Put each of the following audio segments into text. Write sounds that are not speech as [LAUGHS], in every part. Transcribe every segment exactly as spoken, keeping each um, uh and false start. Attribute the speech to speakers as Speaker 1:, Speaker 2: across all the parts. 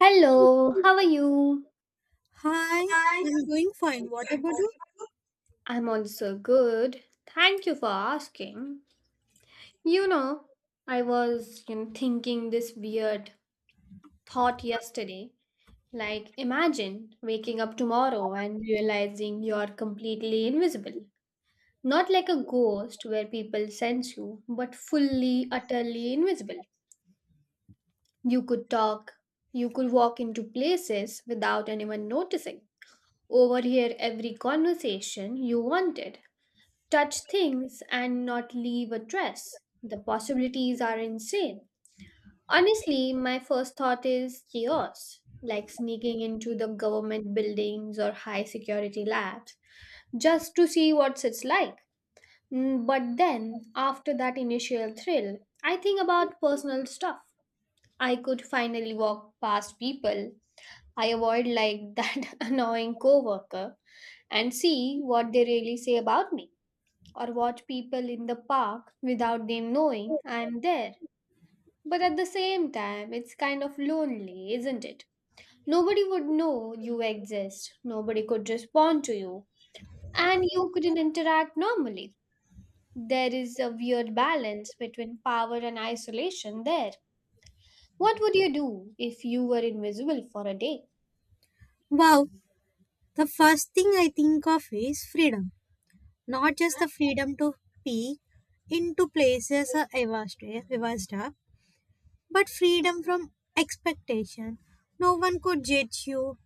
Speaker 1: Hello, how are you?
Speaker 2: Hi, I'm doing fine. What about you?
Speaker 1: I'm also good. Thank you for asking. You know, I was you know, thinking this weird thought yesterday. Like, imagine waking up tomorrow and realizing you're completely invisible. Not like a ghost where people sense you, but fully, utterly invisible. You could talk, you could walk into places without anyone noticing, overhear every conversation you wanted touch things and not leave a trace. The possibilities are insane. Honestly, my first thought is chaos, like sneaking into the government buildings or high security labs just to see what it's like. Mm, But then, after that initial thrill, I think about personal stuff. I could finally walk past people I avoid like [LAUGHS] that annoying coworker and see what they really say about me or watch people in the park without them knowing I'm there. But at the same time, it's kind of lonely, isn't it? Nobody would know you exist, nobody could respond to you, and you couldn't interact normally. There is a weird balance between power and isolation there. What would you do if you were invisible for a day?
Speaker 2: Wow, the first thing I think of is freedom. Not just the freedom to peek into places I was I was stuck, but freedom from expectation. No one could judge you.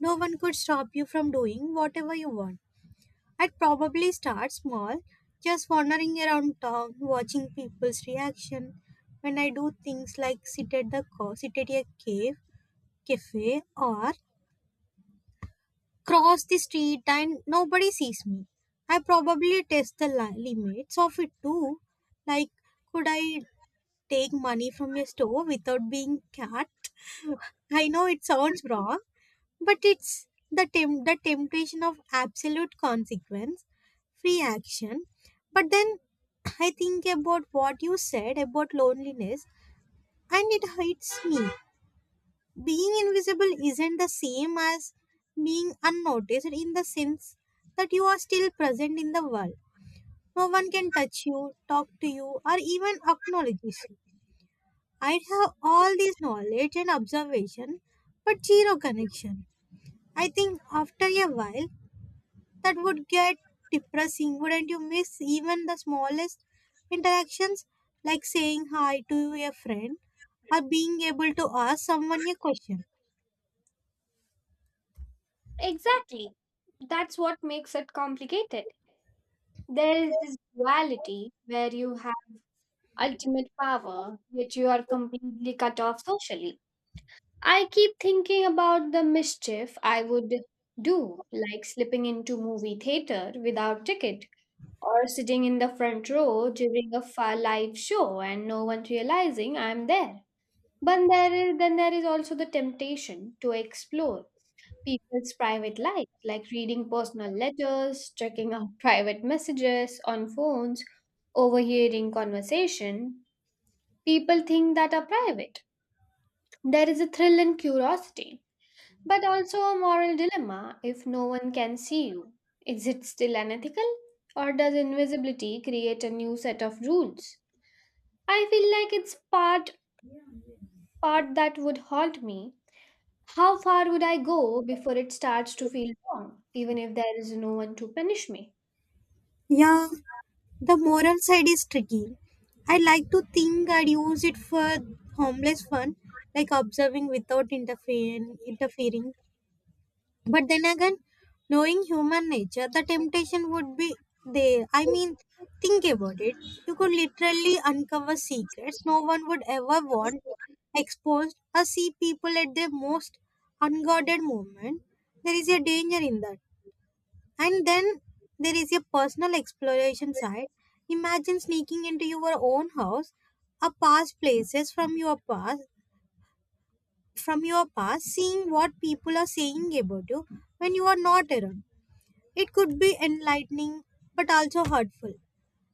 Speaker 2: No one could stop you from doing whatever you want. I'd probably start small, just wandering around town, watching people's reaction. When I do things like sit at the co- sit at a cave, cafe, or cross the street and nobody sees me. I probably test the li- limits of it too. Like, could I take money from your store without being caught? [LAUGHS] I know it sounds wrong, but it's the tem- the temptation of absolute consequence, free action. But then I think about what you said about loneliness, and it hurts me. Being invisible isn't the same as being unnoticed in the sense that you are still present in the world. No one can touch you, talk to you, or even acknowledge you. I have all this knowledge and observation, but zero connection. I think after a while, that would get depressing. Wouldn't you miss even the smallest interactions, like saying hi to a friend or being able to ask someone a question?
Speaker 1: Exactly. That's what makes it complicated. There is this duality where you ultimate power, yet you are completely cut off socially. I keep thinking about the mischief I would do, like slipping into movie theater without ticket or sitting in the front row during a fa- live show and no one realizing I'm there. But there is, then there is also the temptation to explore people's private lives, like reading personal letters, checking out [LAUGHS] private messages on phones, overhearing conversation People think that are private. There is a thrill in curiosity, but also a moral dilemma if no one can see you. Is it still unethical? Or does invisibility create a new set of rules? I feel like it's part part that would haunt me. How far would I go before it starts to feel wrong, even if there is no one to punish me?
Speaker 2: Yeah, the moral side is tricky. I like to think I'd use it for harmless fun, like observing without interfering, interfering. But then again, knowing human nature, the temptation would be there. I mean, think about it. You could literally uncover secrets no one would ever want exposed or see people at their most unguarded moment. There is a danger in that. And then there is a personal exploration side. Imagine sneaking into your own house, a past places from your past, from your past, seeing what people are saying about you when you are not around. It could be enlightening but also hurtful.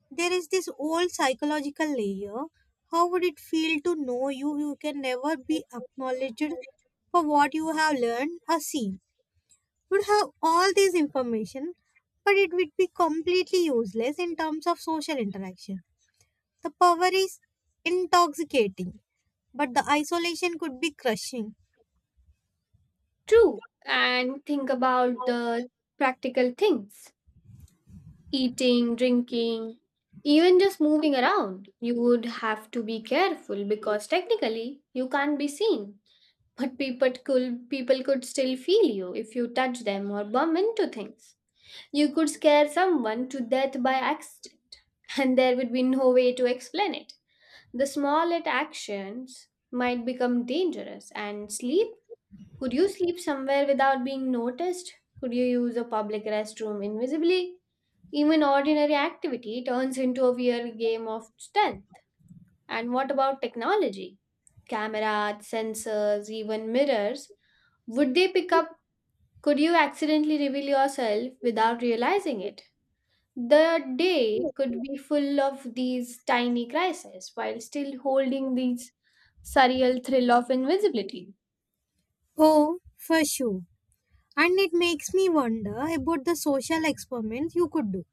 Speaker 2: There is this old psychological layer. How would it feel to know you you can never be acknowledged for what you have learned or seen? Would have all this information, but it would be completely useless in terms of social interaction. The power is intoxicating, but the isolation could be crushing.
Speaker 1: True, and think about the practical things. Eating, drinking, even just moving around. You would have to be careful because technically you can't be seen, but people could people could still feel you if you touch them or bump into things. You could scare someone to death by accident, and there would be no way to explain it. The smallest actions might become dangerous. And sleep? Could you sleep somewhere without being noticed? Could you use a public restroom invisibly? Even ordinary activity turns into a weird game of strength. And what about technology? Cameras, sensors, even mirrors. Would they pick up? Could you accidentally reveal yourself without realizing it? The day could be full of these tiny crises while still holding these surreal thrill of invisibility.
Speaker 2: Oh, for sure. And it makes me wonder about the social experiments you could do.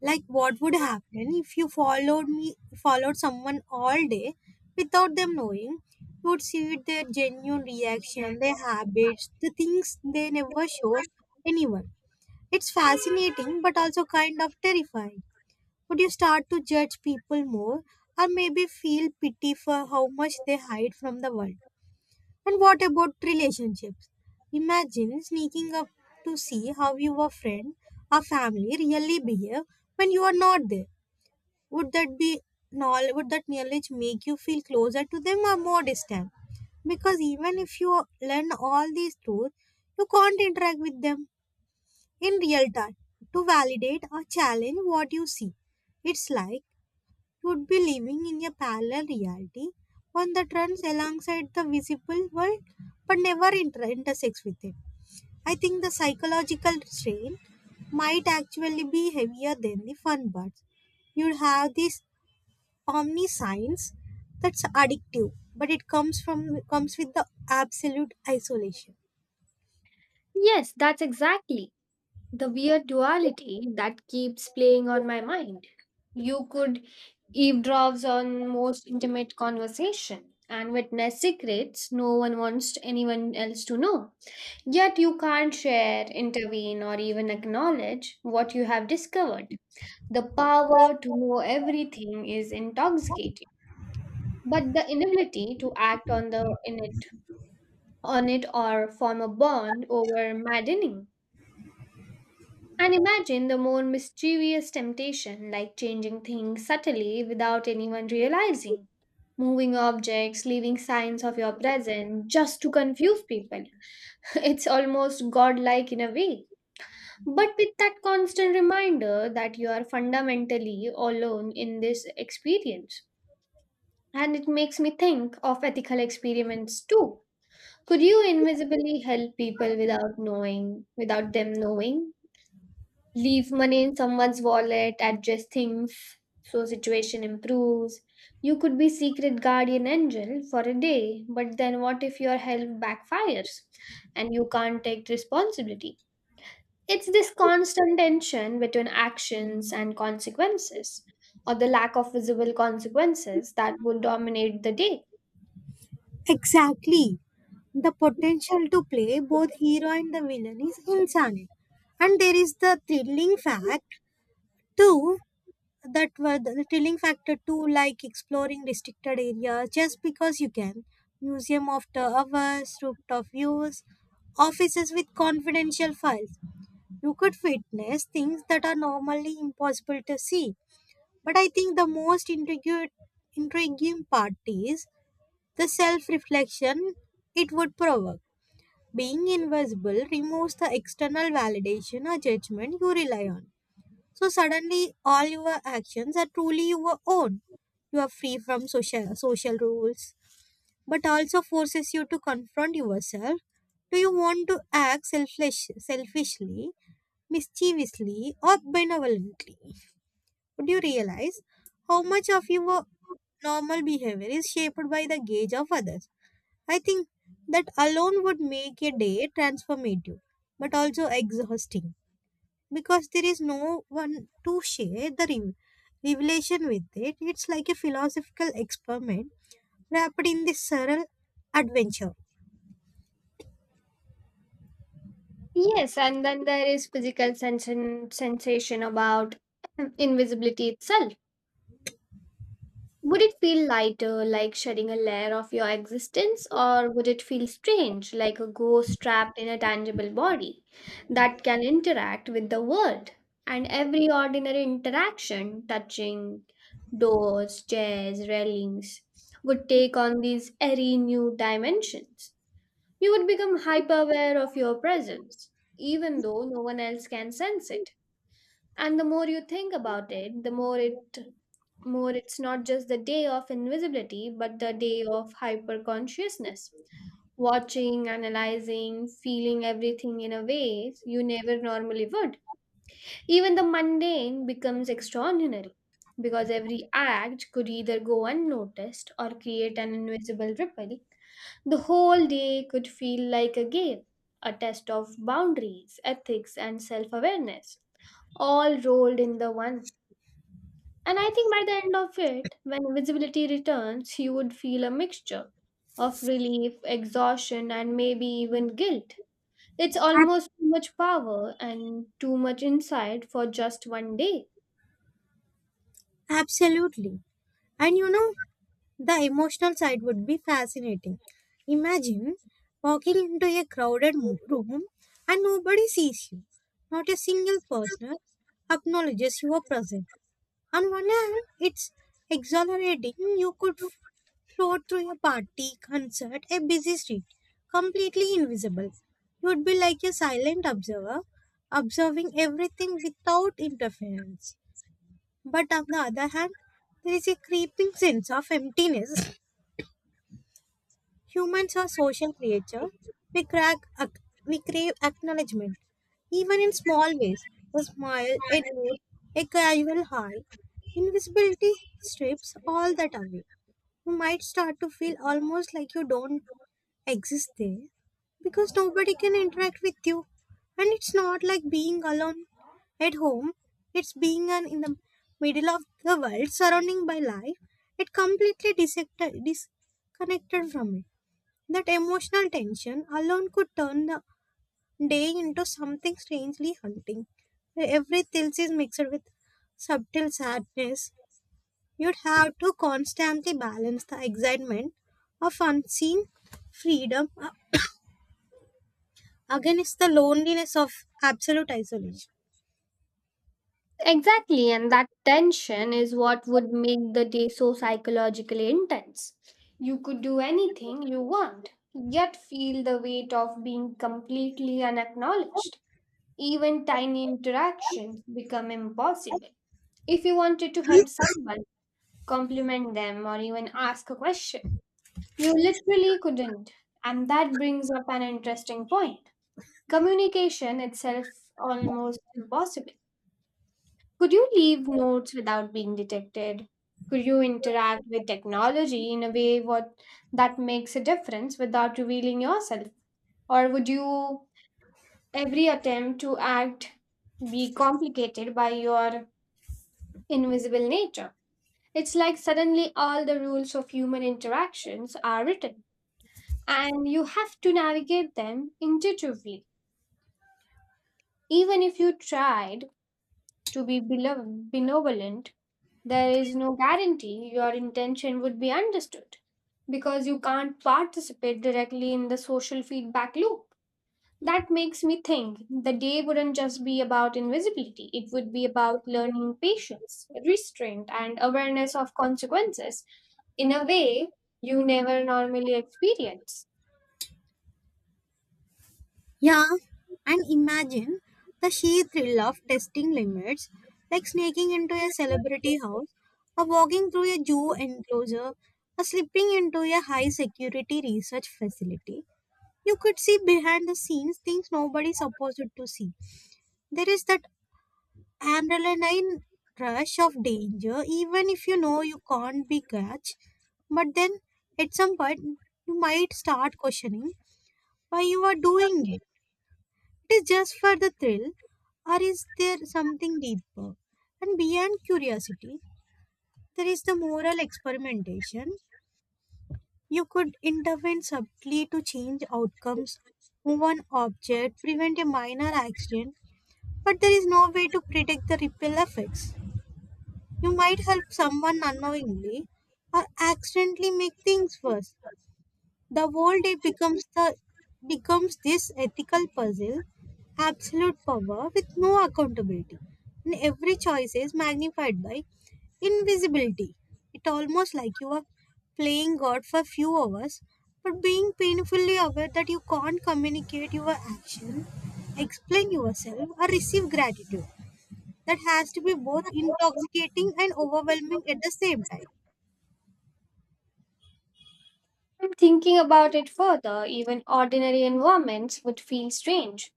Speaker 2: Like what would happen if you followed me followed someone all day without them knowing, you would see their genuine reaction, their habits, the things they never show anyone. It's fascinating but also kind of terrifying. Would you start to judge people more or maybe feel pity for how much they hide from the world? And what about relationships? Imagine sneaking up to see how your friend or family really behave when you are not there. Would that be knowl- would that knowledge make you feel closer to them or more distant? Because even if you learn all these truths, you can't interact with them in real time to validate or challenge what you see. It's like you would be living in a parallel reality, one that runs alongside the visible world but never inter- intersects with it. I think the psychological strain might actually be heavier than the fun parts. You'd have this omniscience that's addictive, but it comes from comes with the absolute isolation.
Speaker 1: Yes, that's exactly the weird duality that keeps playing on my mind. You could eavesdrops on most intimate conversation and witness secrets no one wants anyone else to know. Yet you can't share, intervene, or even acknowledge what you have discovered. The power to know everything is intoxicating, but the inability to act on the in it on it or form a bond over maddening. And imagine the more mischievous temptation, like changing things subtly without anyone realizing, moving objects, leaving signs of your presence just to confuse people. [LAUGHS] It's almost godlike in a way. But with that constant reminder that you are fundamentally alone in this experience. And it makes me think of ethical experiments too. Could you invisibly help people without knowing, without them knowing? Leave money in someone's wallet, adjust things so situation improves. You could be secret guardian angel for a day, but then what if your help backfires and you can't take responsibility? It's this constant tension between actions and consequences, or the lack of visible consequences that will dominate the day.
Speaker 2: Exactly. The potential to play both hero and the villain is insane. And there is the thrilling fact too that were the thrilling factor too, like exploring restricted areas just because you can. Museum after hours, rooftop views, offices with confidential files. You could witness things that are normally impossible to see. But I think the most intrigued- intriguing part is the self reflection it would provoke. Being invisible removes the external validation or judgment you rely on. So suddenly, all your actions are truly your own. You are free from social, social rules, but also forces you to confront yourself. Do you want to act selfish, selfishly, mischievously, or benevolently? Would you realize how much of your normal behavior is shaped by the gaze of others? I think that alone would make a day transformative, but also exhausting because there is no one to share the re- revelation with it. It's like a philosophical experiment wrapped in this surreal adventure.
Speaker 1: Yes, and then there is physical sens- sensation about [CLEARS THROAT] invisibility itself Would it feel lighter, like shedding a layer of your existence, or would it feel strange, like a ghost trapped in a tangible body that can interact with the world? And every ordinary interaction, touching doors, chairs, railings, would take on these airy new dimensions. You would become hyper aware of your presence, even though no one else can sense it and the more you think about it the more it more it's not just the day of invisibility but the day of hyper consciousness watching analyzing feeling everything in a way you never normally would even the mundane becomes extraordinary because every act could either go unnoticed or create an invisible ripple the whole day could feel like a game a test of boundaries ethics and self awareness all rolled in the one. And I think by the end of it, when invisibility returns, you would feel a mixture of relief, exhaustion, and maybe even guilt. It's
Speaker 2: Ab-
Speaker 1: almost too much power and too much insight for just one day.
Speaker 2: Absolutely. And you know, the emotional side would be fascinating. Imagine walking into a crowded mo- room and nobody sees you, not a single person acknowledges you are present. On one hand, it's exhilarating. You could f- float through a party, concert, a busy street, completely invisible. You'd be like a silent observer, observing everything without interference. But on the other hand, there is a creeping sense of emptiness. Humans are social creatures. We crack, ac- we crave acknowledgement, even in small ways. A smile, a note, a casual hi. Invisibility strips all that away. You might start to feel almost like you don't exist there because nobody can interact with you. And it's not like being alone at home, it's being an, in the middle of the world, surrounding by life. It completely dissected, disconnected from it. That emotional tension alone could turn the day into something strangely haunting. Every tilt is mixed with subtle sadness. You'd have to constantly balance the excitement of unseen freedom uh, against the loneliness of absolute isolation.
Speaker 1: Exactly, and that tension is what would make the day so psychologically intense. You could do anything you want, yet feel the weight of being completely unacknowledged. Even tiny interactions become impossible. If you wanted to help someone, compliment them, or even ask a question, you literally couldn't. And that brings up an interesting point. Communication itself almost impossible. Could you leave notes without being detected? Could you interact with technology in a way what that makes a difference without revealing yourself? Or would you Every attempt to act be complicated by your invisible nature. It's like suddenly all the rules of human interactions are written, and you have to navigate them intuitively. Even if you tried to be belo- benevolent, there is no guarantee your intention would be understood because you can't participate directly in the social feedback loop. That makes me think the day wouldn't just be about invisibility, it would be about learning patience, restraint, and awareness of consequences in a way you never normally experience.
Speaker 2: Yeah, and imagine the sheer thrill of testing limits, like sneaking into a celebrity house, or walking through a zoo enclosure, or slipping into a high security research facility. You could see behind the scenes things nobody's supposed to see. There is that adrenaline rush of danger, even if you know you can't be catch. But then at some point, you might start questioning why you are doing it. It is just for the thrill, or is there something deeper? And beyond curiosity, there is the moral experimentation. You could intervene subtly to change outcomes, move an object, prevent a minor accident, but there is no way to predict the ripple effects. You might help someone unknowingly or accidentally make things worse. The whole day becomes the becomes this ethical puzzle, absolute power with no accountability. And every choice is magnified by invisibility. It almost like you are playing God for few hours, but being painfully aware that you can't communicate your action, explain yourself, or receive gratitude. That has to be both intoxicating and overwhelming at the same time.
Speaker 1: And thinking about it further, even ordinary environments would feel strange.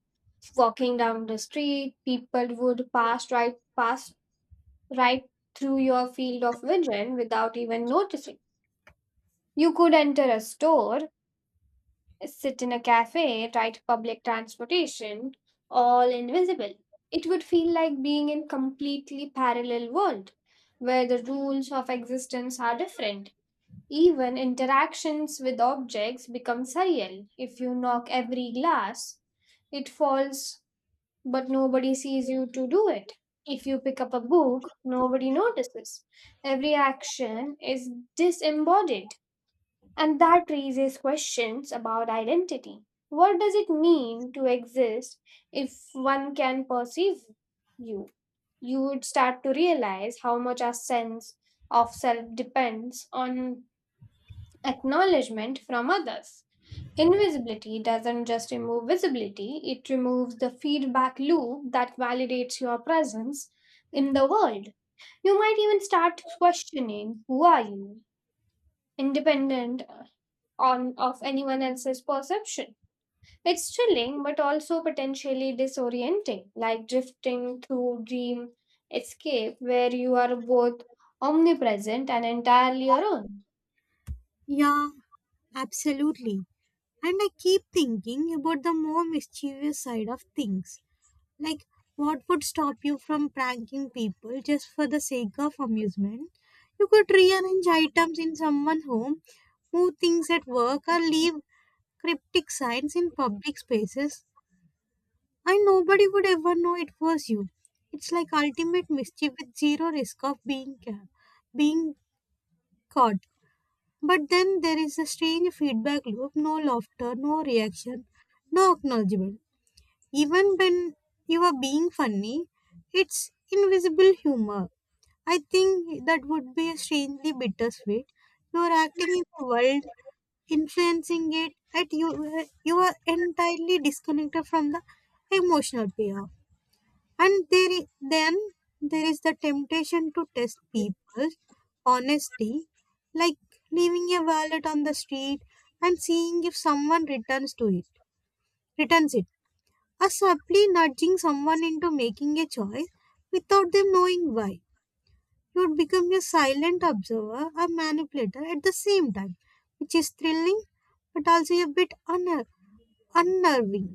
Speaker 1: Walking down the street, people would pass right pass right through your field of vision without even noticing. You could enter a store sit in a cafe, ride public transportation, all invisible. It would feel like being in completely parallel world where the rules of existence are different. Even interactions with objects become surreal. If you knock every glass, it falls, but nobody sees you to do it. If you pick up a book, nobody notices. Every action is disembodied and that raises questions about identity. What does it mean to exist if one can perceive you? You would start to realize how much our sense of self depends on acknowledgement from others. Invisibility doesn't just remove visibility, it removes the feedback loop that validates your presence in the world. You might even start questioning who are you? Independent on of anyone else's perception. It's chilling but also potentially disorienting, like drifting through dream escape where you are both omnipresent and entirely your own.
Speaker 2: Yeah, absolutely. And I keep thinking about the more mischievous side of things. Like, what would stop you from pranking people just for the sake of amusement? You could rearrange items in someone's home, move things at work, or leave cryptic signs in public spaces, and nobody would ever know it was you. It's like ultimate mischief with zero risk of being ca- being caught. But then there is a strange feedback loop, no laughter, no reaction, no acknowledgement. Even when you are being funny, it's invisible humor. I think that would be strangely bittersweet. You are acting in the world, influencing it, and you you are entirely disconnected from the emotional payoff. And there i- then there is the temptation to test people's honesty, like leaving a wallet on the street and seeing if someone returns to it returns it, are subtly nudging someone into making a choice without them knowing why. You would become a silent observer, a manipulator at the same time, which is thrilling but also a bit unner- unnerving.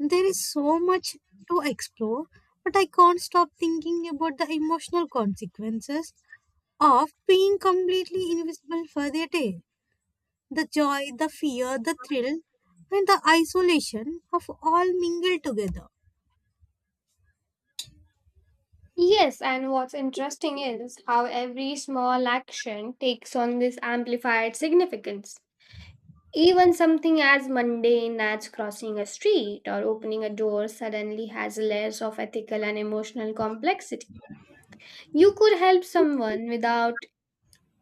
Speaker 2: There is so much to explore, but I can't stop thinking about the emotional consequences of being completely invisible for their day. The joy, the fear, the thrill, and the isolation of all mingled together.
Speaker 1: Yes, and what's interesting is how every small action takes on this amplified significance. Even something as mundane as crossing a street or opening a door suddenly has layers of ethical and emotional complexity. You could help someone without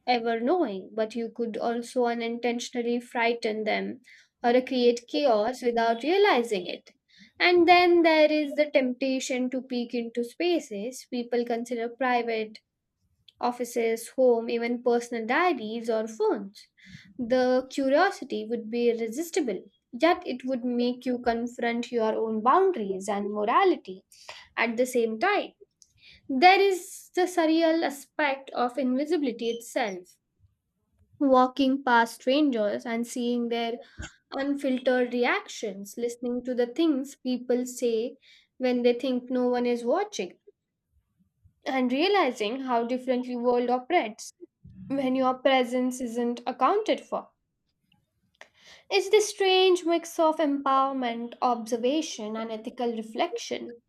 Speaker 1: ever knowing, but you could also unintentionally frighten them or create chaos without realizing it. And then there is the temptation to peek into spaces people consider private, offices, home, even personal diaries or phones. The curiosity would be irresistible, yet it would make you confront your own boundaries and morality at the same time. There is the surreal aspect of invisibility itself walking past strangers and seeing their unfiltered reactions, listening to the things people say when they think no one is watching, and realizing how differently world operates when your presence isn't accounted for. It's this strange mix of empowerment, observation, and ethical reflection.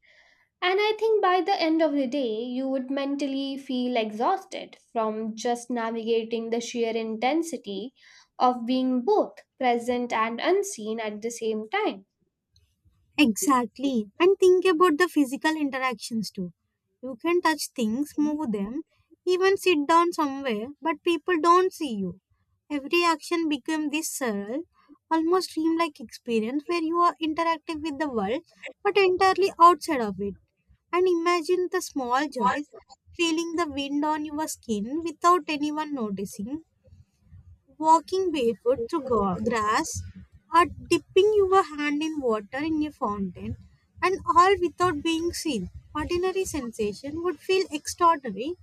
Speaker 1: And I think by the end of the day, you would mentally feel exhausted from just navigating the sheer intensity of being both present and unseen at the same time.
Speaker 2: Exactly. And think about the physical interactions too. You can touch things, move them, even sit down somewhere, but people don't see you. Every action becomes this surreal, almost dreamlike experience where you are interactive with the world but entirely outside of it. And imagine the small joys, feeling the wind on your skin without anyone noticing, walking barefoot through gra- grass, or dipping your hand in water in a fountain, and all without being seen. Ordinary sensation would feel extraordinary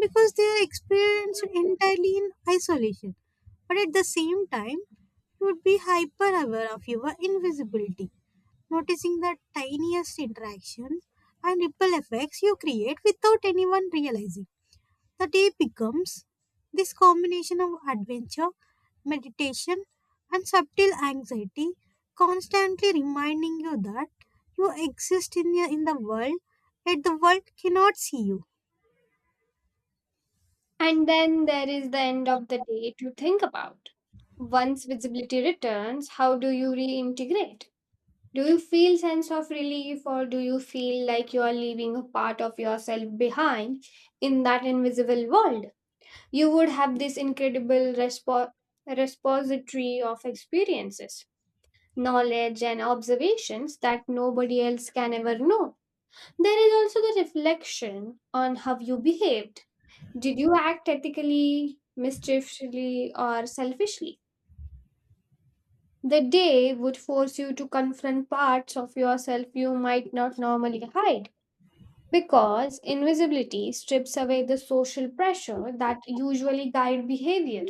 Speaker 2: because they are experienced entirely in isolation. But at the same time, you would be hyper aware of your invisibility, noticing the tiniest interactions and ripple effects you create without anyone realizing. The day becomes this combination of adventure, meditation, and subtle anxiety, constantly reminding you that you exist in, your, in the world, yet the world cannot see you.
Speaker 1: And then there is the end of the day to think about. Once visibility returns, how do you reintegrate? Do you feel sense of relief or do you feel like you are leaving a part of yourself behind in that invisible world? You would have this incredible respo- repository of experiences, knowledge, and observations that nobody else can ever know. There is also the reflection on how you behaved. Did you act ethically, mischievously, or selfishly? The day would force you to confront parts of yourself you might not normally hide because invisibility strips away the social pressure that usually guide behavior.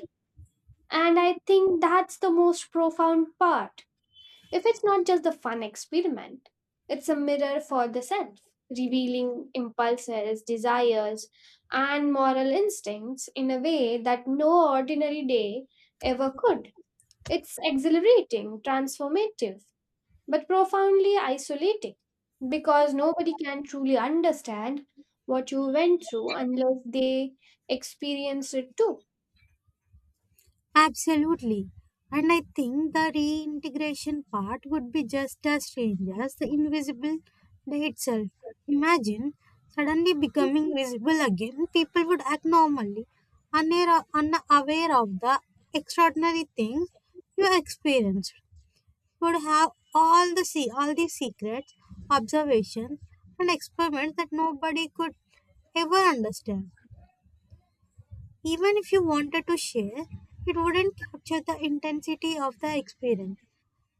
Speaker 1: And I think that's the most profound part. If it's not just the fun experiment, it's a mirror for the self, revealing impulses, desires, and moral instincts in a way that no ordinary day ever could. It's exhilarating, transformative, but profoundly isolating because nobody can truly understand what you went through unless they experience it too.
Speaker 2: Absolutely. And I think the reintegration part would be just as strange as the invisible day itself. Imagine suddenly becoming visible again, people would act normally, unaware unaware of the extraordinary things you experienced. Would have all the se- all the secrets, observations, and experiments that nobody could ever understand. Even if you wanted to share, it wouldn't capture the intensity of the experience.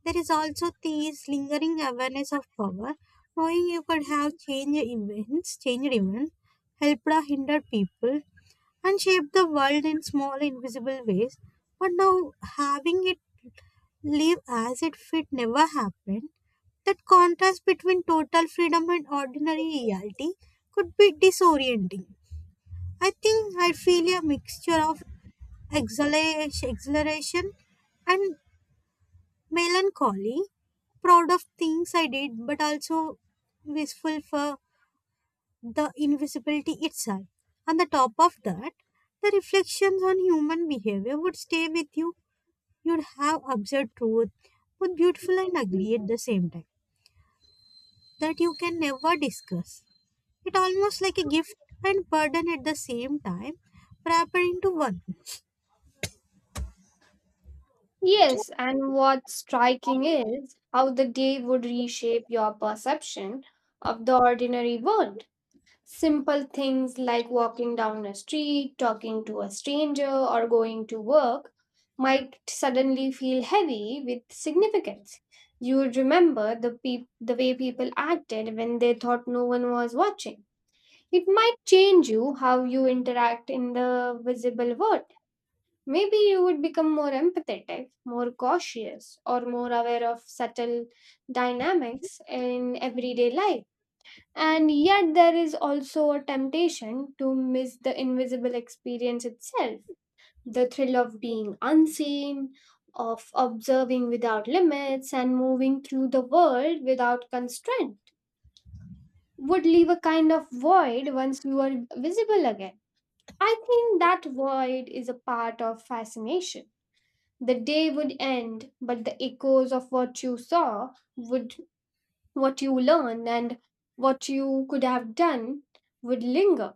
Speaker 2: There is also this lingering awareness of power, knowing you could have changed events, changed events, helped or hindered people, and shaped the world in small invisible ways. But now having it live as it fit never happened. That contrast between total freedom and ordinary reality could be disorienting. I think I feel a mixture of exhilara- exhilaration and melancholy, proud of things I did, but also wistful for the invisibility itself. On the top of that, the reflections on human behavior would stay with you. You'd have observed truth, both beautiful and ugly at the same time, that you can never discuss. It almost like a gift and burden at the same time, wrapped into one.
Speaker 1: Yes, and what's striking is how the day would reshape your perception of the ordinary world. Simple things like walking down a street, talking to a stranger, or going to work might suddenly feel heavy with significance. You would remember the, peop the way people acted when they thought no one was watching. It might change you how you interact in the visible world. Maybe you would become more empathetic, more cautious, or more aware of subtle dynamics in everyday life. And yet, there is also a temptation to miss the invisible experience itself the thrill of being unseen, of observing without limits, and moving through the world without constraint would leave a kind of void once you are visible again. I think that void is a part of fascination the day would end, but the echoes of what you saw, would what you learned and what you could have done would linger.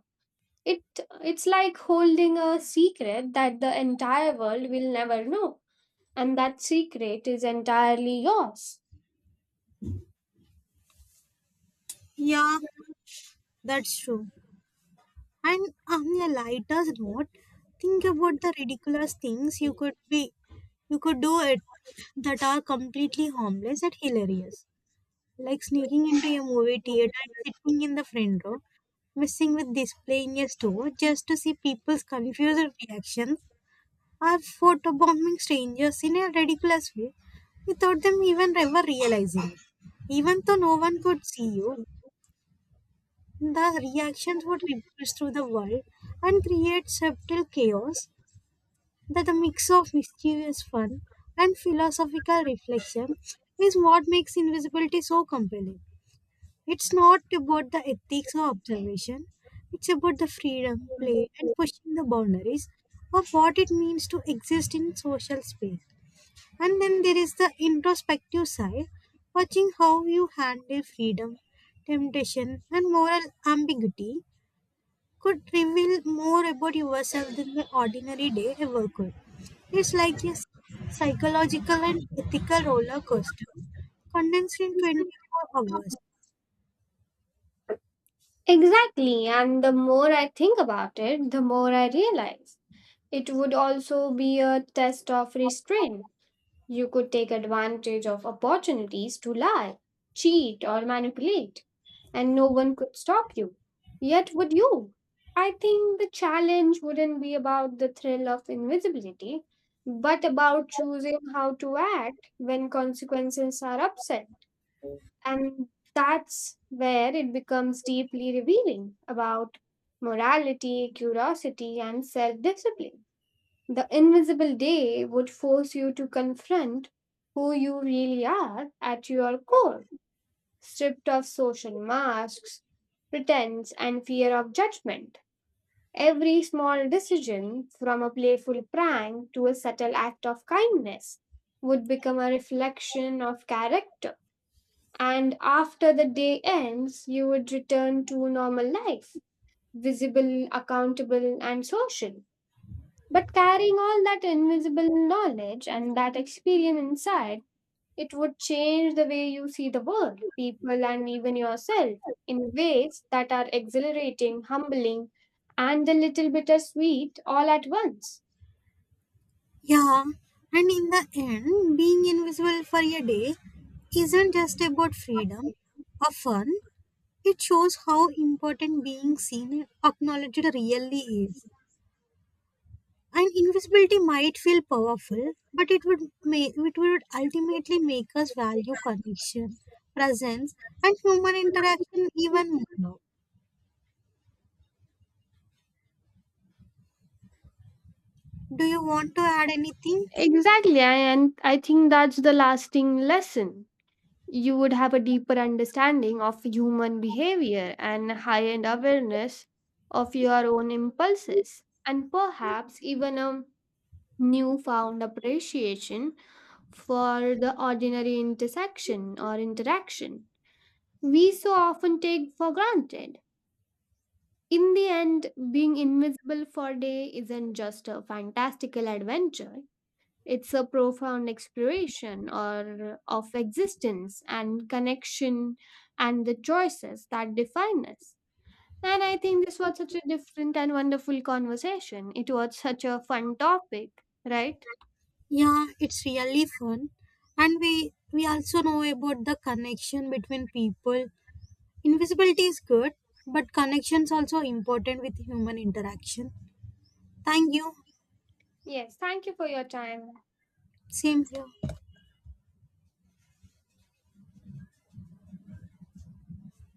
Speaker 1: It it's like holding a secret that the entire world will never know, and that secret is entirely yours.
Speaker 2: Yeah, that's true. And on a lighter note, think about the ridiculous things you could be you could do it that are completely harmless and hilarious. Like sneaking into a movie theater and sitting in the front row, messing with displaying a store just to see people's confused reactions, or photobombing strangers in a ridiculous way without them even ever realizing it. Even though no one could see you, the reactions would ripple through the world and create subtle chaos. That a mix of mischievous fun and philosophical reflection is what makes invisibility so compelling. It's not about the ethics or observation, it's about the freedom, play, and pushing the boundaries of what it means to exist in social space. And then there is the introspective side, watching how you handle freedom, temptation, and moral ambiguity could reveal more about yourself than the ordinary day ever could. It's like a psychological and ethical roller coaster condensed in twenty-four hours.
Speaker 1: Exactly, and the more I think about it, the more I realize it would also be a test of restraint. You could take advantage of opportunities to lie, cheat, or manipulate and no one could stop you. Yet, would you? I think the challenge wouldn't be about the thrill of invisibility, but about choosing how to act when consequences are upset. And that's where it becomes deeply revealing about morality, curiosity, and self discipline. The invisible day would force you to confront who you really are at your core stripped of social masks, pretense, and fear of judgment. Every small decision, from a playful prank to a subtle act of kindness, would become a reflection of character. And after the day ends, you would return to normal life, visible, accountable, and social. But carrying all that invisible knowledge and that experience inside, it would change the way you see the world, people, and even yourself in ways that are exhilarating, humbling, and a little bittersweet all at once.
Speaker 2: Yeah, and in the end, being invisible for a day isn't just about freedom or fun, it shows how important being seen and acknowledged really is. And invisibility might feel powerful, but it would make it would ultimately make us value connection, presence, and human interaction even more. Now, do you want to add anything?
Speaker 1: Exactly, and I think that's the lasting lesson. You would have a deeper understanding of human behavior and high end awareness of your own impulses, and perhaps even a newfound appreciation for the ordinary intersection or interaction we so often take for granted. In the end, being invisible for a day isn't just a fantastical adventure. It's a profound exploration or of existence and connection and the choices that define us. And I think this was such a different and wonderful conversation. It was such a fun topic, right?
Speaker 2: Yeah, it's really fun. And we we also know about the connection between people. Invisibility is good, but connections also important with human interaction. Thank you.
Speaker 1: Yes, thank you for your time.
Speaker 2: Same here.